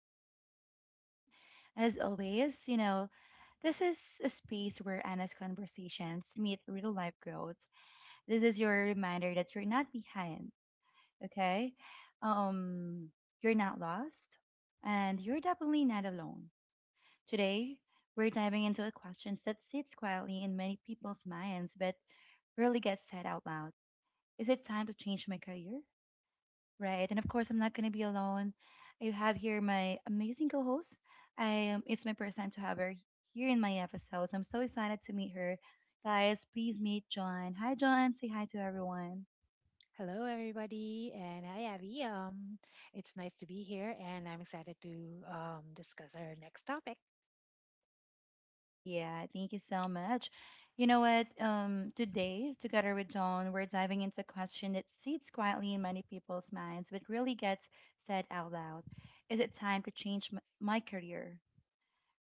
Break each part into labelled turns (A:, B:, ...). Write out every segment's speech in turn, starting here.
A: host, Abby, again. As always, you know, this is a space where honest conversations meet real life growth. This is your reminder that you're not behind, okay? Um, you're not lost, and you're definitely not alone. Today, we're diving into questions that sits quietly in many people's minds but rarely get said out loud. Is it time to change my career? Right. And of course, I'm not going to be alone. I have here my amazing co host. I It's my first time to have her here in my episodes. I'm so excited to meet her. Guys, please meet John. Hi, John. Say hi to everyone.
B: Hello, everybody, and hi, Abby. It's nice to be here, and I'm excited to discuss our next topic.
A: Yeah, thank you so much. You know what? Today, together with John, we're diving into a question that sits quietly in many people's minds, but really gets said out loud. Is it time to change my career,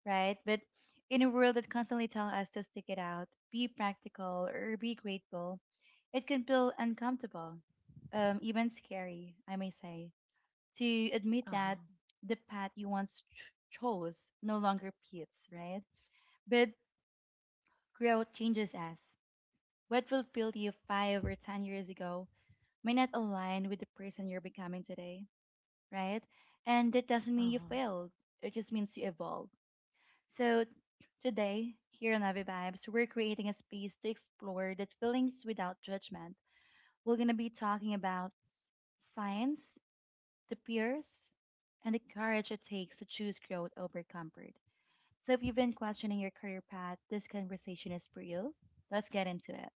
A: right? But in a world that constantly tells us to stick it out, be practical, or be grateful, it can feel uncomfortable, even scary, I may say, to admit
B: Uh huh.
A: that the path you once chose no longer fits, right? But growth changes us. What will feel to you 5 or 10 years ago may not align with the person you're becoming today, right? And that doesn't
B: Uh
A: mean you
B: huh.
A: failed. It just means you evolved. So today, here on Avi Vibes, we're creating a space to explore that feelings without judgment. We're gonna be talking about science, the peers, and the courage it takes to choose growth over comfort. So if you've been questioning your career path, this conversation is for you. Let's get into it.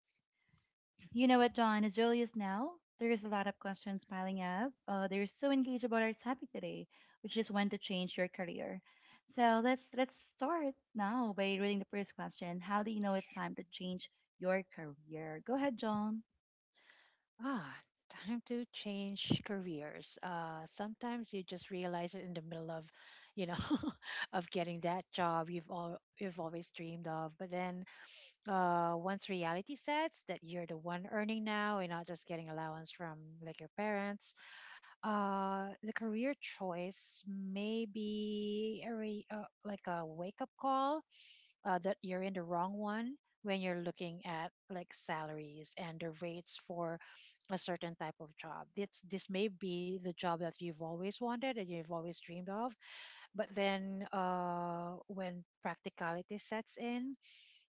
A: You know what, John? As early as now, there's a lot of questions piling up. They're so engaged about our topic today, which is when to change your career. So let's start now by reading the first question. How do you know it's time to change your career? Go ahead, John.
B: Ah, Time to change careers. Sometimes you just realize it in the middle of, you know, of getting that job you've always dreamed of. But then, once reality sets that you're the one earning now and not just getting allowance from like your parents. The career choice may be like a wake up call, that you're in the wrong one when you're looking at like salaries and the rates for a certain type of job. This may be the job that you've always wanted and you've always dreamed of, but then when practicality sets in,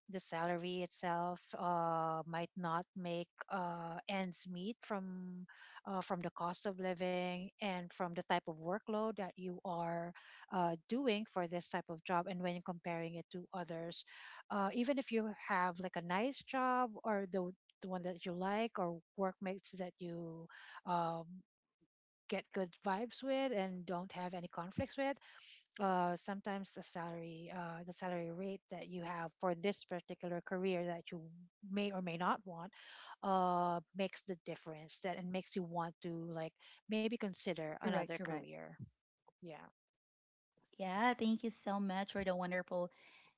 B: the salary itself might not make ends meet from the cost of living and from the type of workload that you are doing for this type of job. And when comparing it to others, even if you have like a nice job or the one that you like, or workmates that you um, get good vibes with and don't have any conflicts with, sometimes the salary rate that you have for this particular career that you may or may not want, makes the difference. That and makes you want to like maybe consider another
A: Correct, correct.
B: career. Yeah.
A: Yeah, thank you so much for the wonderful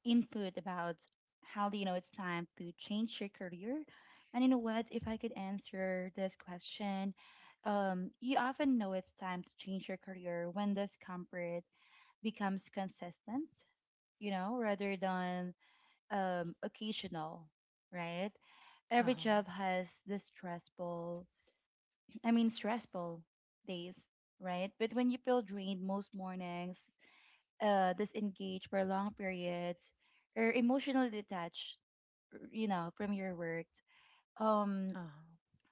A: input about how do you know it's time to change your career. And you know what? If I could answer this question, you often know it's time to change your career when this comfort becomes consistent, you know, rather than occasional, right?
B: Uh
A: Every
B: huh.
A: job has this stressful, I mean, stressful days, right? But when you feel drained most mornings, disengaged for long periods or emotionally detached, you know, from your work, um,
B: Uh huh.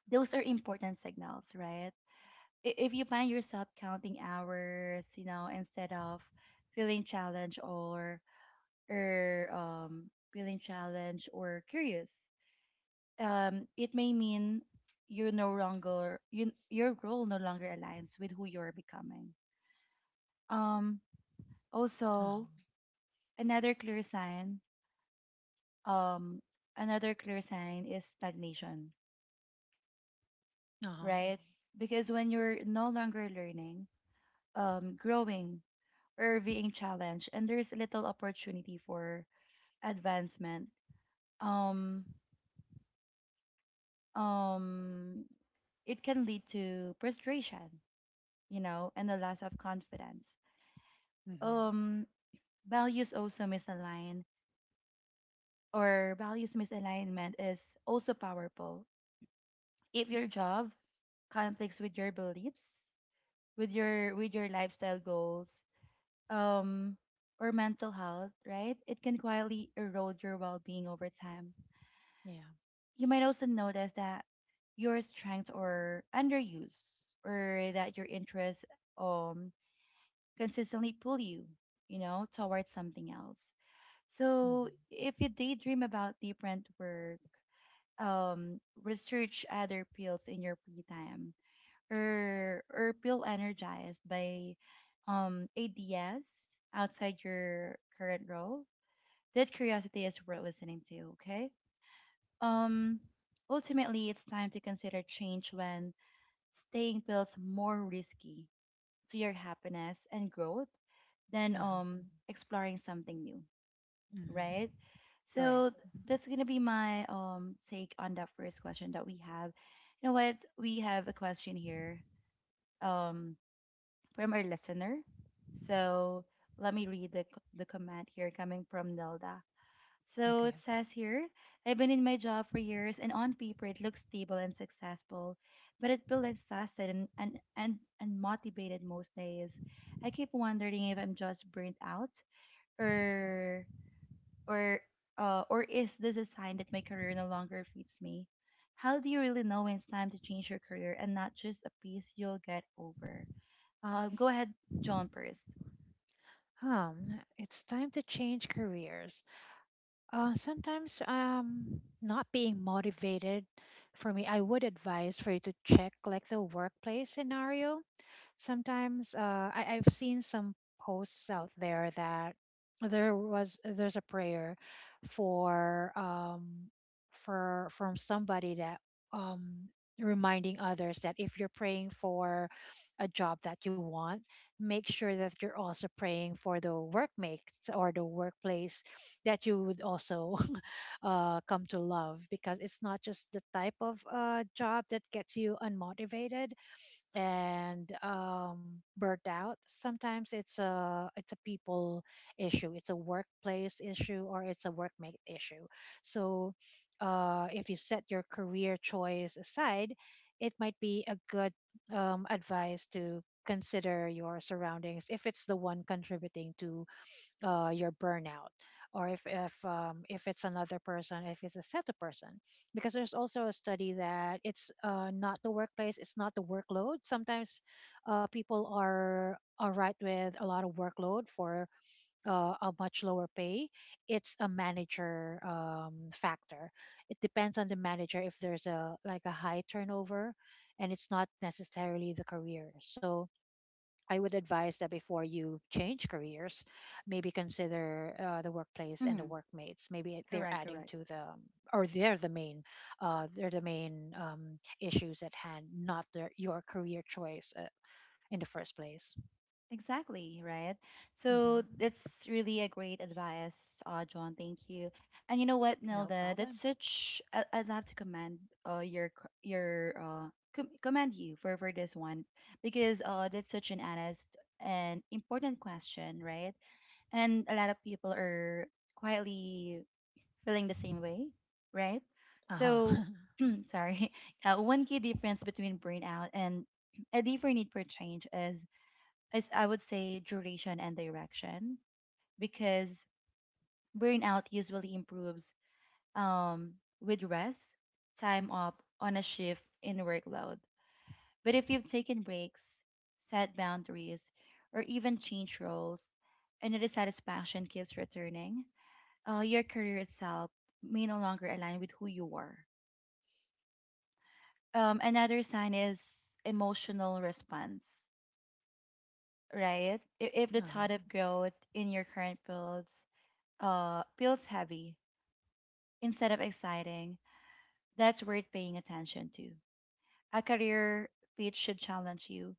A: those are important signals, right? If you find yourself counting hours, you know, instead of feeling challenged or curious, it may mean you're no longer you, your role no longer aligns with who you're becoming. Um,
B: Uh
A: also,
B: huh.
A: another clear sign um another clear sign is stagnation. Mm,
B: Uh huh.
A: right? Because when you're no longer learning, growing or being challenged, and there's little opportunity for advancement, um, um, it can lead to frustration, you know, and a loss of confidence.
B: Mm-hmm.
A: Um, values also misalign, or values misalignment is also powerful. If your job conflicts with your beliefs, with your lifestyle goals um or mental health, right, it can quietly erode your well-being over time.
B: Yeah.
A: You might also notice that your strengths are underused, or that your interests um consistently pull you, you know, towards something else.
B: Mm-hmm.
A: So if you daydream about different work, research other fields in your free time, or feel energized by ideas outside your current role, that curiosity is worth listening to, okay? um Ultimately it's time to consider change when staying feels more risky to your happiness and growth
B: Uh
A: than
B: huh.
A: exploring something new,
B: Mm-hmm.
A: right?
B: Correct.
A: So that's gonna be my take on that first question that we have. You know what, we have a question here um from our listener. So let me read the, the comment here coming from Nelda. So it
B: Okay.
A: says here, I've been in my job for years and on paper it looks stable and successful, but I feel exhausted and, and motivated most days. I keep wondering if I'm just burnt out or or or is this a sign that my career no longer fits me? How do you really know when it's time to change your career and not just a piece you'll get over? Go ahead, John, 1st.
B: It's time to change careers. Sometimes not being motivated. For me, I would advise for you to check like the workplace scenario. Sometimes I've seen some posts out there that there's a prayer for um for from somebody that um reminding others that if you're praying for a job that you want, make sure that you're also praying for the workmates or the workplace that you would also come to love, because it's not just the type of job that gets you unmotivated and burnt out. Sometimes it's a people issue, it's a workplace issue, or it's a workmate issue. So if you set your career choice aside, it might be a good advice to consider your surroundings if it's the one contributing to your burnout, or if it's another person, if it's a set of person. Because there's also a study that it's not the workplace, it's not the workload. Sometimes people are all right with a lot of workload for a much lower pay. It's a manager factor. It depends on the manager if there's a like a high turnover, and it's not necessarily the career. So I would advise that before you change careers, maybe consider the workplace and the
A: Mm-hmm.
B: workmates. Maybe they're
A: Correct,
B: adding
A: correct.
B: to or they're the main issues at hand, not your career choice, in the first place.
A: Exactly, right? So
B: Hmm.
A: that's really a great advice, John. Thank you. And you know what,
B: No
A: Nilda?
B: problem.
A: I'd love to commend your, your, commend you for this one because that's such an honest and important question, right? And a lot of people are quietly feeling the same way, right?
B: Uh huh.
A: So, sorry, one key difference between burnout and a deeper need for change is I would say, duration and direction, because burnout usually improves um, with rest, time up on a shift in workload. But if you've taken breaks, set boundaries, or even changed roles, and the dissatisfaction keeps returning, your career itself may no longer align with who you are. Another sign is emotional response, right? If
B: Uh
A: the
B: huh.
A: thought of growth in your current builds feels heavy instead of exciting, that's worth paying attention to. A career pitch should challenge you,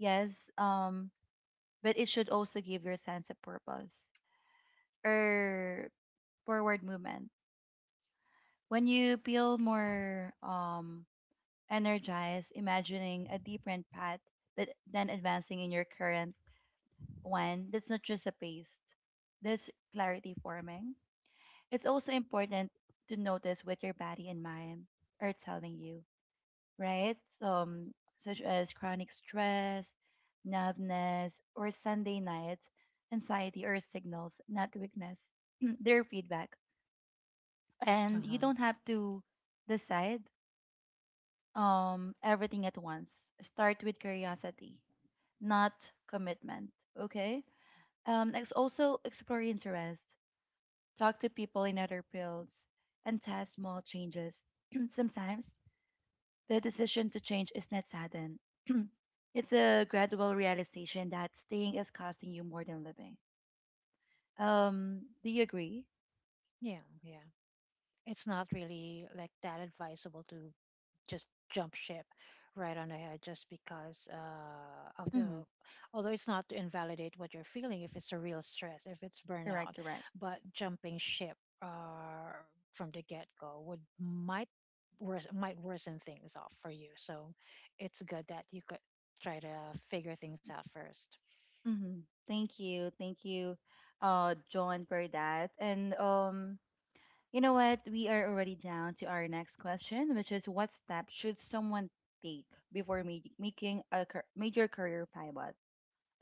A: yes, but it should also give your sense of purpose or forward movement. When you feel more energized, imagining a different path than advancing in your current one, that's not just a paste, that's clarity forming. It's also important to notice what your body and mind are telling you, right? So, such as chronic stress, numbness, or Sunday nights, anxiety or signals, not weakness. Their feedback.
B: Uh
A: And you
B: huh.
A: don't have to decide everything at once. Start with curiosity, not commitment. Okay. Also explore interest, talk to people in other fields, and test small changes. Sometimes the decision to change is not sudden. it's a gradual realization that staying is costing you more than living. Do you agree?
B: Yeah. Yeah. It's not really like that advisable to just jump ship right on ahead just because of the,
A: Mm-hmm.
B: although it's not to invalidate what you're feeling if it's a real stress, if it's burnout.
A: Correct, correct.
B: But jumping ship uh, from the get-go would might worsen things off for you. So it's good that you could try to figure things out first.
A: Mm-hmm. Thank you, John, for that. And you know what? We are already down to our next question, which is what step should someone take before making a major career pivot?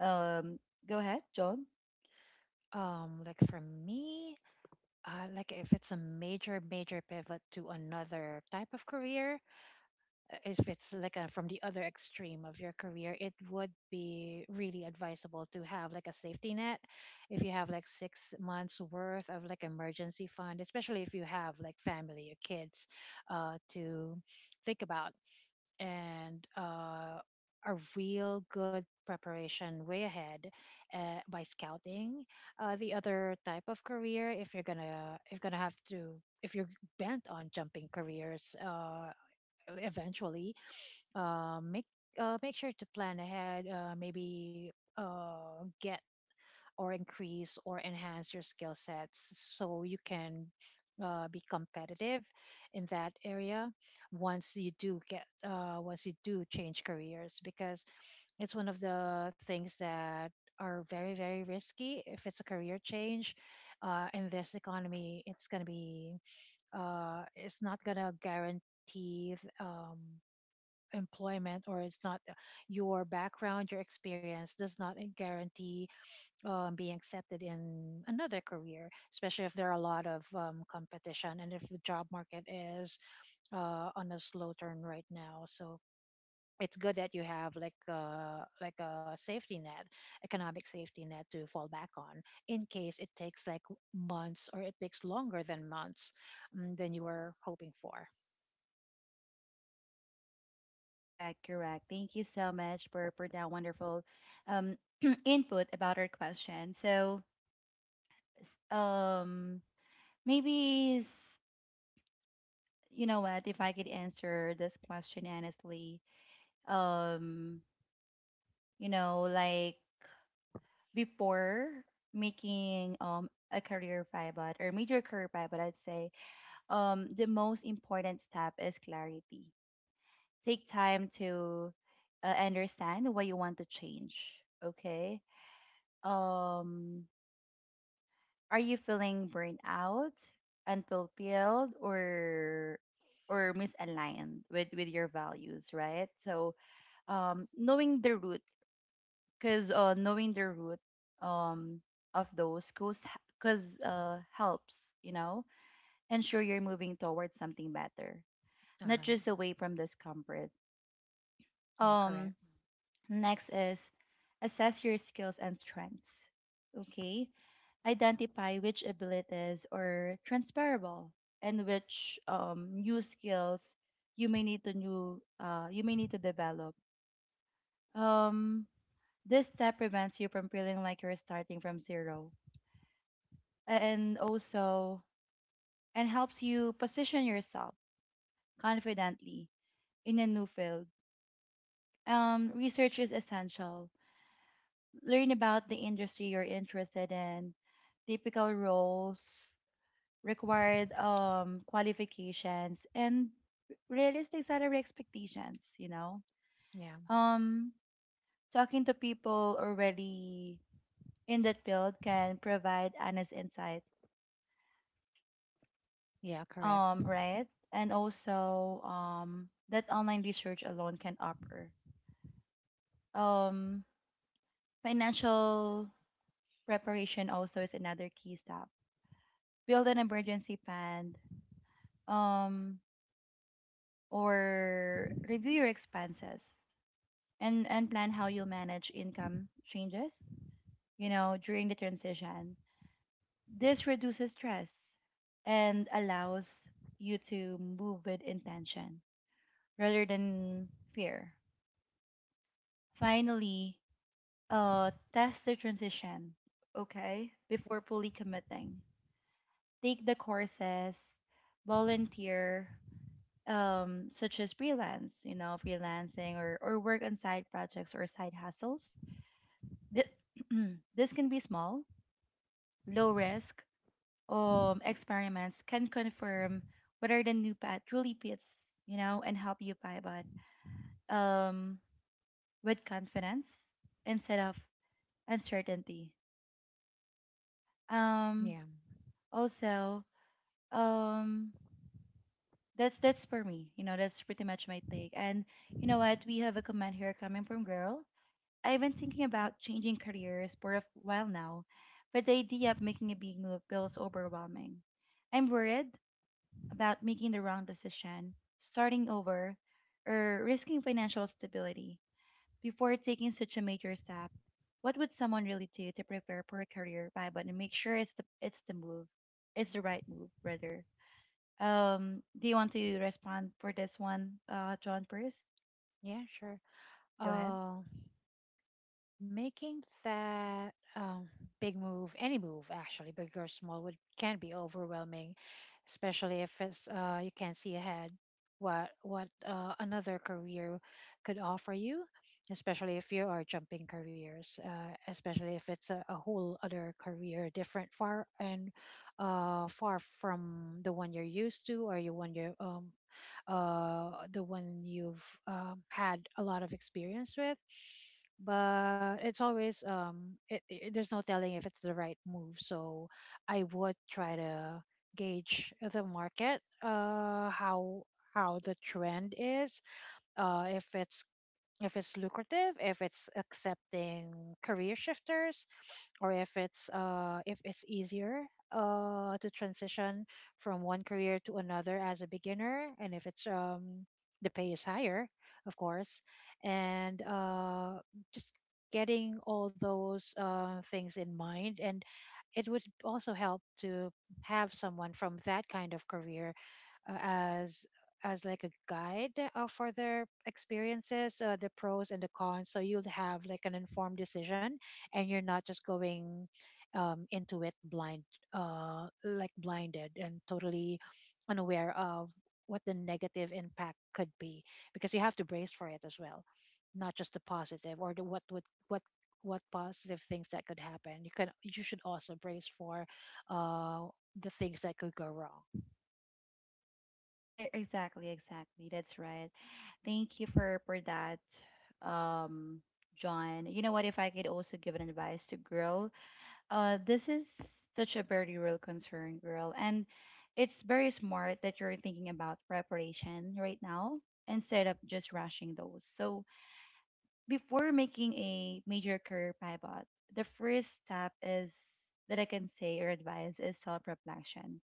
A: Um, go ahead, John.
B: Like for me, like if it's a major major pivot to another type of career, if it's like a, from the other extreme of your career, it would be really advisable to have like a safety net. If you have like 6 months worth of like emergency fund, especially if you have like family or kids to think about, and a real good preparation way ahead by scouting the other type of career. If you're gonna if gonna have to, if you're bent on jumping careers, eventually, uh, make make sure to plan ahead. Maybe get or increase or enhance your skill sets so you can be competitive in that area once you do get once you do change careers. Because it's one of the things that are very very risky. If it's a career change in this economy, it's going to be it's not going to guarantee th- um, employment. Or it's not your background, your experience does not guarantee being accepted in another career, especially if there are a lot of competition and if the job market is on a slow turn right now. So it's good that you have like like a safety net, economic safety net to fall back on in case it takes like months or it takes longer than months than you were hoping for.
A: Correct, correct. Thank you so much for that wonderful um input about our question. So, s- um, maybe s- you know what, if I could answer this question honestly. Um, you know, like before making a career pivot or major career pivot, I'd say the most important step is clarity. Take time to understand what you want to change. Okay. Um, are you feeling burned out, unfulfilled, or misaligned with your values? Right. So, knowing the root, because um, of those cause, because helps you know ensure you're moving towards something better, not
B: Uh-huh.
A: just away from discomfort.
B: Yeah, correct.
A: Um, next is assess your skills and strengths. Okay. Identify which abilities are transferable and which new skills you may need to develop. Um, this step prevents you from feeling like you're starting from zero, and also and helps you position yourself confidently in a new field. Research is essential. Learn about the industry you're interested in, typical roles, required qualifications, and realistic salary expectations, you know.
B: Yeah,
A: Um, talking to people already in that field can provide honest insight,
B: yeah, correct.
A: right? And also that online research alone can offer. Um, financial preparation also is another key step. Build an emergency fund, um, or review your expenses and plan how you'll manage income changes, you know, during the transition. This reduces stress and allows you to move with intention rather than fear. Finally, test the transition, okay, before fully committing. Take the courses, volunteer, such as freelance, you know, freelancing, or work on side projects or side hustles. Th- this can be small, low risk experiments can confirm whether the new path truly fits, you know, and help you pivot um, with confidence instead of uncertainty. Um,
B: Yeah.
A: also, um, that's for me. You know, that's pretty much my take. And you know what? We have a comment here coming from girl. I've been thinking about changing careers for a while now, but the idea of making a big move feels overwhelming. I'm worried about making the wrong decision, starting over, or risking financial stability before taking such a major step. What would someone really do to prepare for a career pivot and make sure it's the move, it's the right move, rather? Do you want to respond for this one, John? First,
B: Yeah, sure.
A: go ahead.
B: Uh, Making that big move, any move actually, big or small, would can be overwhelming, especially if it's you can't see ahead what another career could offer you. Especially if you are jumping careers, especially if it's a whole other career, different far and far from the one you're used to, or you the one you've had a lot of experience with. But it's always there's no telling if it's the right move. So I would try to gauge the market, how the trend is, if it's lucrative, if it's accepting career shifters, or if it's easier to transition from one career to another as a beginner, and if it's the pay is higher, of course. And just getting all those things in mind. And it would also help to have someone from that kind of career uh, as as like a guide for their experiences, the pros and the cons. So you'll have like an informed decision, and you're not just going into it blind, like blinded and totally unaware of what the negative impact could be, because you have to brace for it as well, not just the positive or the what would what positive things that could happen. You should also brace for uh, the things that could go wrong.
A: Exactly, exactly. That's right. Thank you for that, um, John. You know what? If I could also give an advice to girl, this is such a very real concern, girl, and it's very smart that you're thinking about preparation right now instead of just rushing those. So before making a major career pivot, the first step is that I can say or advise is self-reflection,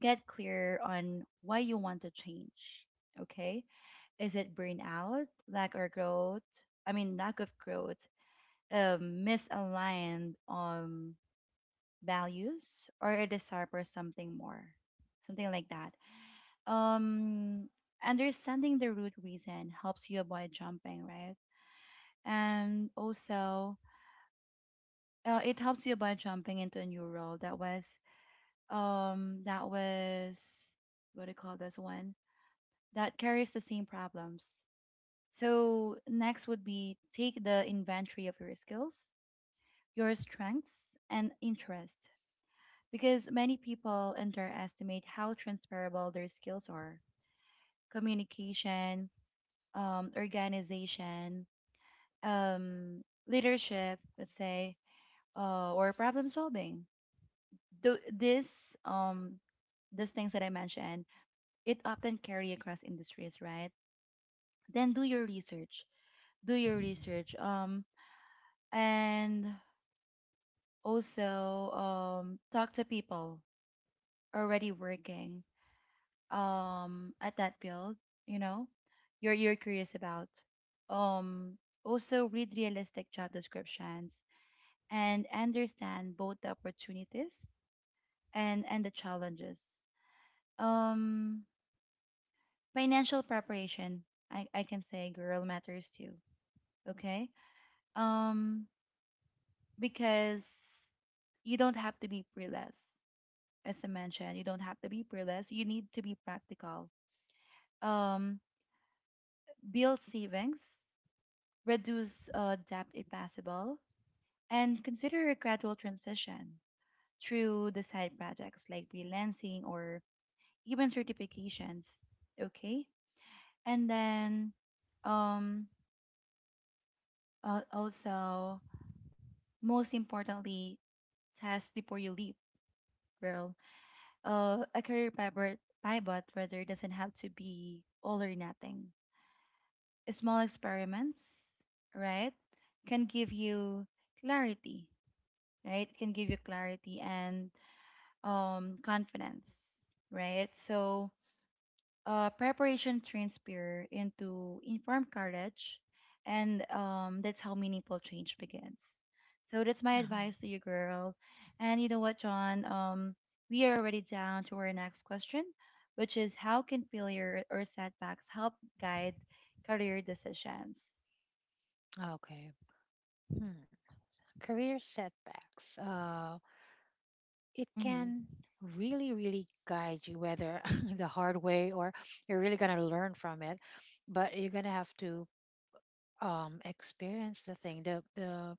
A: get clear on why you want to change. Okay. Is it burnout, lack or growth? I mean, lack of growth, misaligned on values or a desire for something more, something like that. Um, Understanding the root reason helps you avoid jumping, right? And also, it helps you avoid jumping into a new role that was, um, that was, what do you call this one? That carries the same problems. So, next would be take the inventory of your skills, your strengths, and interests, because many people underestimate how transferable their skills are. Communication, organization, um, leadership, let's say, or problem solving. Th- this, um, these things that I mentioned, it often carry across industries, right? Then do your research. And also talk to people already working at that field, you know, you're curious about. um Also read realistic job descriptions and understand both the opportunities and the challenges. um Financial preparation, I can say, girl, matters too. Okay. um because you don't have to be pre-less, as I mentioned, you don't have to be fearless. You need to be practical. Um, Build savings, reduce debt if possible, and consider a gradual transition through the side projects like freelancing or even certifications. Okay, and then um, also most importantly, test before you leap, girl. A career pivot pivot rather doesn't have to be all or nothing. Small experiments, right, can give you clarity, clarity and, confidence, right? So, preparation turns fear into informed courage, and, that's how meaningful change begins. So that's my
B: Uh-huh.
A: advice to you, girl. And you know what, John? We are already down to our next question, which is how can failure or setbacks help guide career decisions?
B: Okay. Hmm. Career setbacks. It
A: Mm-hmm.
B: can really, really guide you, whether the hard way or you're really gonna learn from it, but you're gonna have to experience the thing.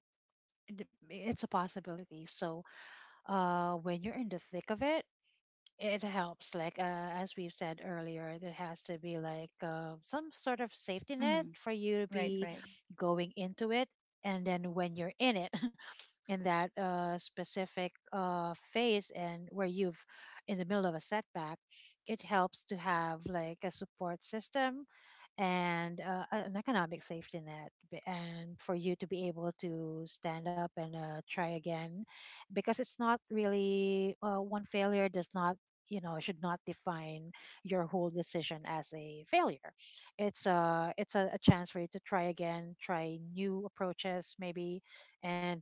B: The It's a possibility. So, when you're in the thick of it, it helps. Like as we've said earlier, there has to be like some sort of safety net
A: Mm-hmm.
B: for you to
A: Right,
B: be
A: right. Mm.
B: going into it. And then when you're in it, in that specific phase, and where you've in the middle of a setback, it helps to have like a support system and an economic safety net and for you to be able to stand up and try again. Because it's not really one failure does not, you know, should not define your whole decision as a failure. It's a chance for you to try again, try new approaches maybe, and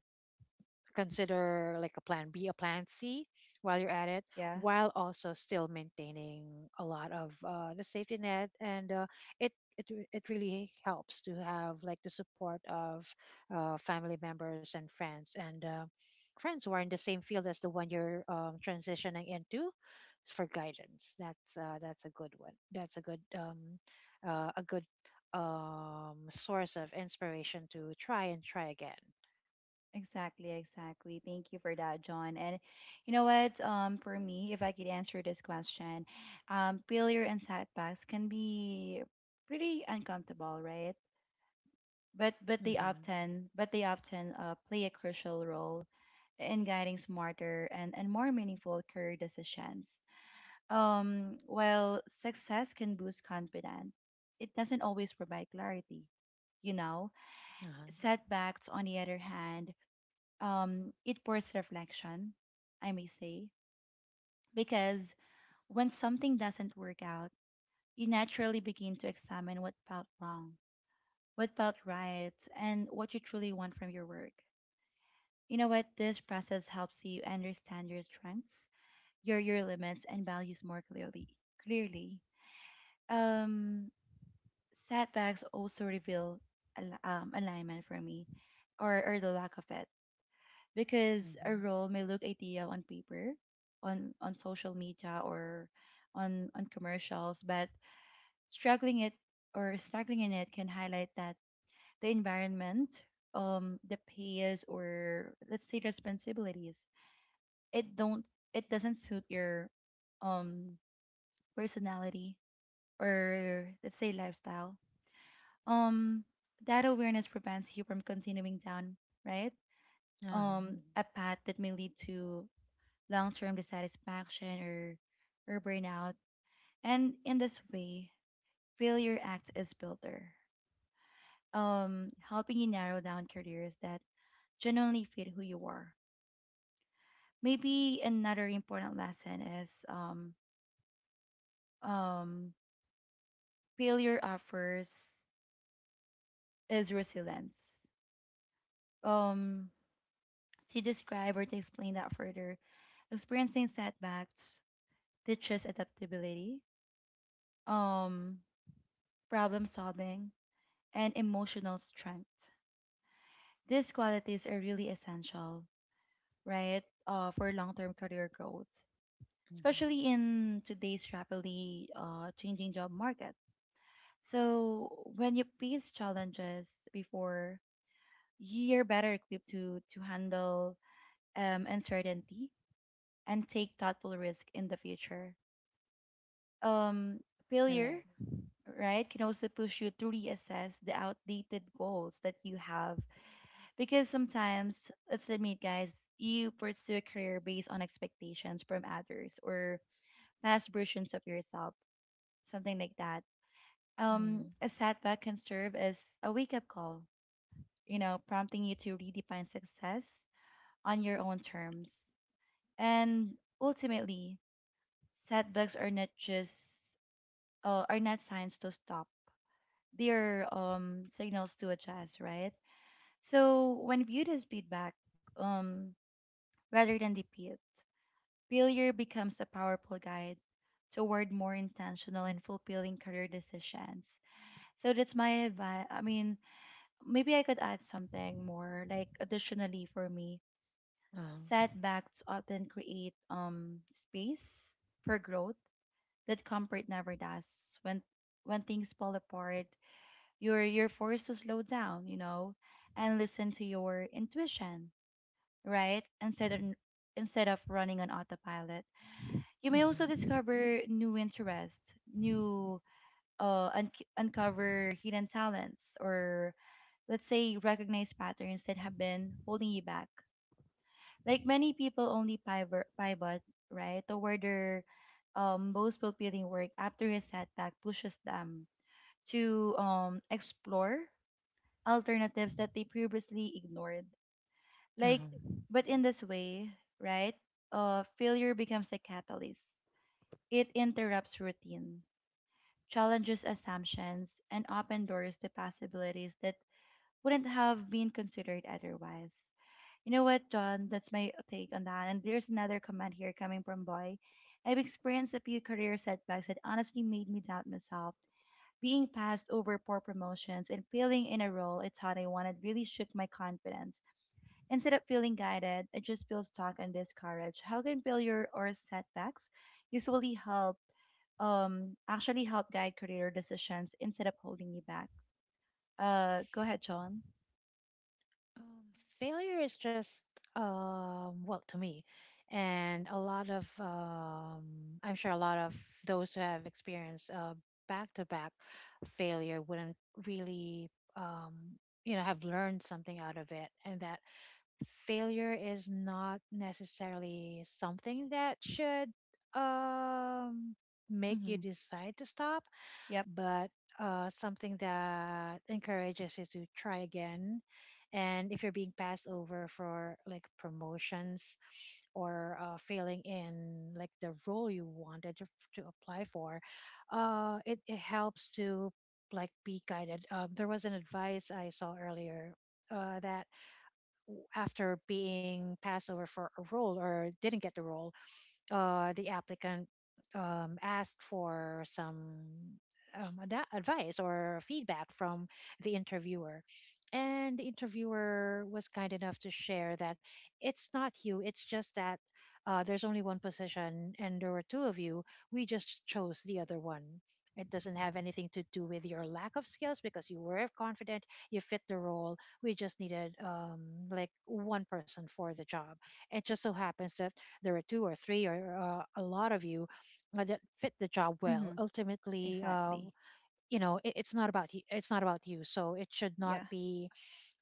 B: consider like a plan B, a plan C while you're at it,
A: Correct. Yeah.
B: while also still maintaining a lot of the safety net. And it, it really helps to have like the support of family members and friends, and friends who are in the same field as the one you're transitioning into, for guidance. That's a good one. That's a good source of inspiration to try and try again.
A: Exactly, exactly. Thank you for that, John. And you know what? For me, if I could answer this question, failure and setbacks can be pretty uncomfortable, right? But but they
B: Mm-hmm.
A: often but they often play a crucial role in guiding smarter and more meaningful career decisions. While success can boost confidence, it doesn't always provide clarity, you know.
B: Uh-huh.
A: Setbacks, on the other hand, it forces reflection, I may say, because when something doesn't work out, you naturally begin to examine what felt wrong, what felt right, and what you truly want from your work. You know what? This process helps you understand your strengths, your limits, and values more clearly. Clearly, um, setbacks also reveal alignment for me, or the lack of it, because a
B: Mhm.
A: role may look ideal on paper, on social media or on commercials, but struggling it struggling in it can highlight that the environment, the pays or, let's say, responsibilities, it don't it doesn't suit your um personality or, let's say, lifestyle. Um, that awareness prevents you from continuing down, right,
B: Uh-huh.
A: a path that may lead to long-term dissatisfaction or, burnout. And in this way, failure acts as filter, helping you narrow down careers that genuinely fit who you are. Maybe another important lesson is um, failure offers is resilience. Um, to describe or to explain that further, experiencing setbacks teaches adaptability, um, problem solving, and emotional strength. These qualities are really essential, right, for long-term career growth,
B: Mhm.
A: especially in today's rapidly changing job market. So when you face challenges before, you're better equipped to handle, uncertainty and take thoughtful risk in the future. Um, Failure,
B: Right.
A: right, can also push you to reassess the outdated goals that you have. Because sometimes, let's admit, guys, you pursue a career based on expectations from others or past versions of yourself, something like that.
B: Mhm.
A: A setback can serve as a wake up call, you know, prompting you to redefine success on your own terms. And ultimately, setbacks are not just are not signs to stop. They're, signals to adjust, right? So when viewed as feedback, um, rather than defeat, failure becomes a powerful guide toward more intentional and fulfilling career decisions. So that's my advice. I mean, maybe I could add something more, like additionally for me,
B: Uh-huh.
A: setbacks often create space for growth that comfort never does. When when things fall apart, you're forced to slow down, you know, and listen to your intuition, right? Instead of running on autopilot. You may also
B: Mhm.
A: discover new interests, new uh, un- uncover hidden talents, or, let's say, recognize patterns that have been holding you back. Like many people only pivot, right, toward their, most fulfilling work after a setback pushes them to, explore alternatives that they previously ignored. Like,
B: Uh-huh.
A: but in this way, right, failure becomes a catalyst. It interrupts routine, challenges assumptions, and open doors to possibilities that wouldn't have been considered otherwise. You know what, John? That's my take on that. And there's another comment here coming from Boy. I've experienced a few career setbacks that honestly made me doubt myself. Being passed over for promotions and failing in a role I thought I wanted really shook my confidence. Instead of feeling guided, I just feel stuck and discouraged. How can failure or setbacks usually help actually help guide career decisions instead of holding you back? Go ahead, John.
B: Failure is just well, to me, and a lot of I'm sure a lot of those who have experienced back to back failure wouldn't really um you know have learned something out of it. And that failure is not necessarily something that should um make you
A: Mm-hmm.
B: decide to stop,
A: Yep.
B: but something that encourages you to try again. And if you're being passed over for like promotions, or failing in like the role to apply for, it helps to like be guided. There was an advice I saw earlier that after being passed over for a role or didn't get the role, the applicant asked for some advice or feedback from the interviewer. And the interviewer was kind enough to share that it's not you, it's just that there's only one position and there were two of you. We just chose the other one. It doesn't have anything to do with your lack of skills, because you were confident, you fit the role. We just needed like one person for the job. It just so happens that there are two or three, or a lot of you that fit the job well.
A: Mm-hmm.
B: Ultimately
A: Exactly.
B: you know, it's not about it's not about you, so it should not
A: Yeah.
B: be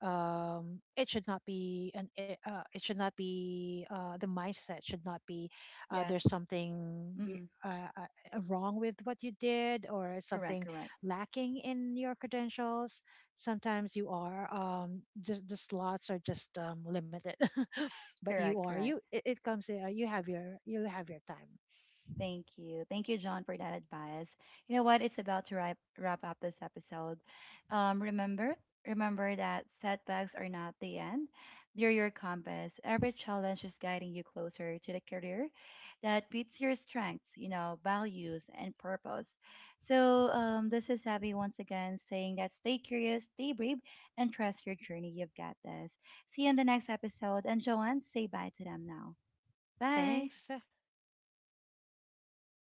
B: it should not be it should not be the mindset should not be
A: Yeah.
B: there's something
A: Mm-hmm.
B: uh, uh, wrong with what you did, or
A: Correct.
B: something
A: Correct.
B: lacking in your credentials. Sometimes you are just the slots are just limited. But you
A: Correct.
B: are you,
A: Correct.
B: it comes, you have your time.
A: Thank you. Thank you, John, for that advice. You know what? It's about to wrap up this episode. Um, remember, remember that setbacks are not the end. They're your compass. Every challenge is guiding you closer to the career that beats your strengths, you know, values and purpose. So, this is Abby once again saying that stay curious, stay brave, and trust your journey. You've got this. See you in the next episode. And Joanne, say bye to them now. Bye.
B: Thanks. So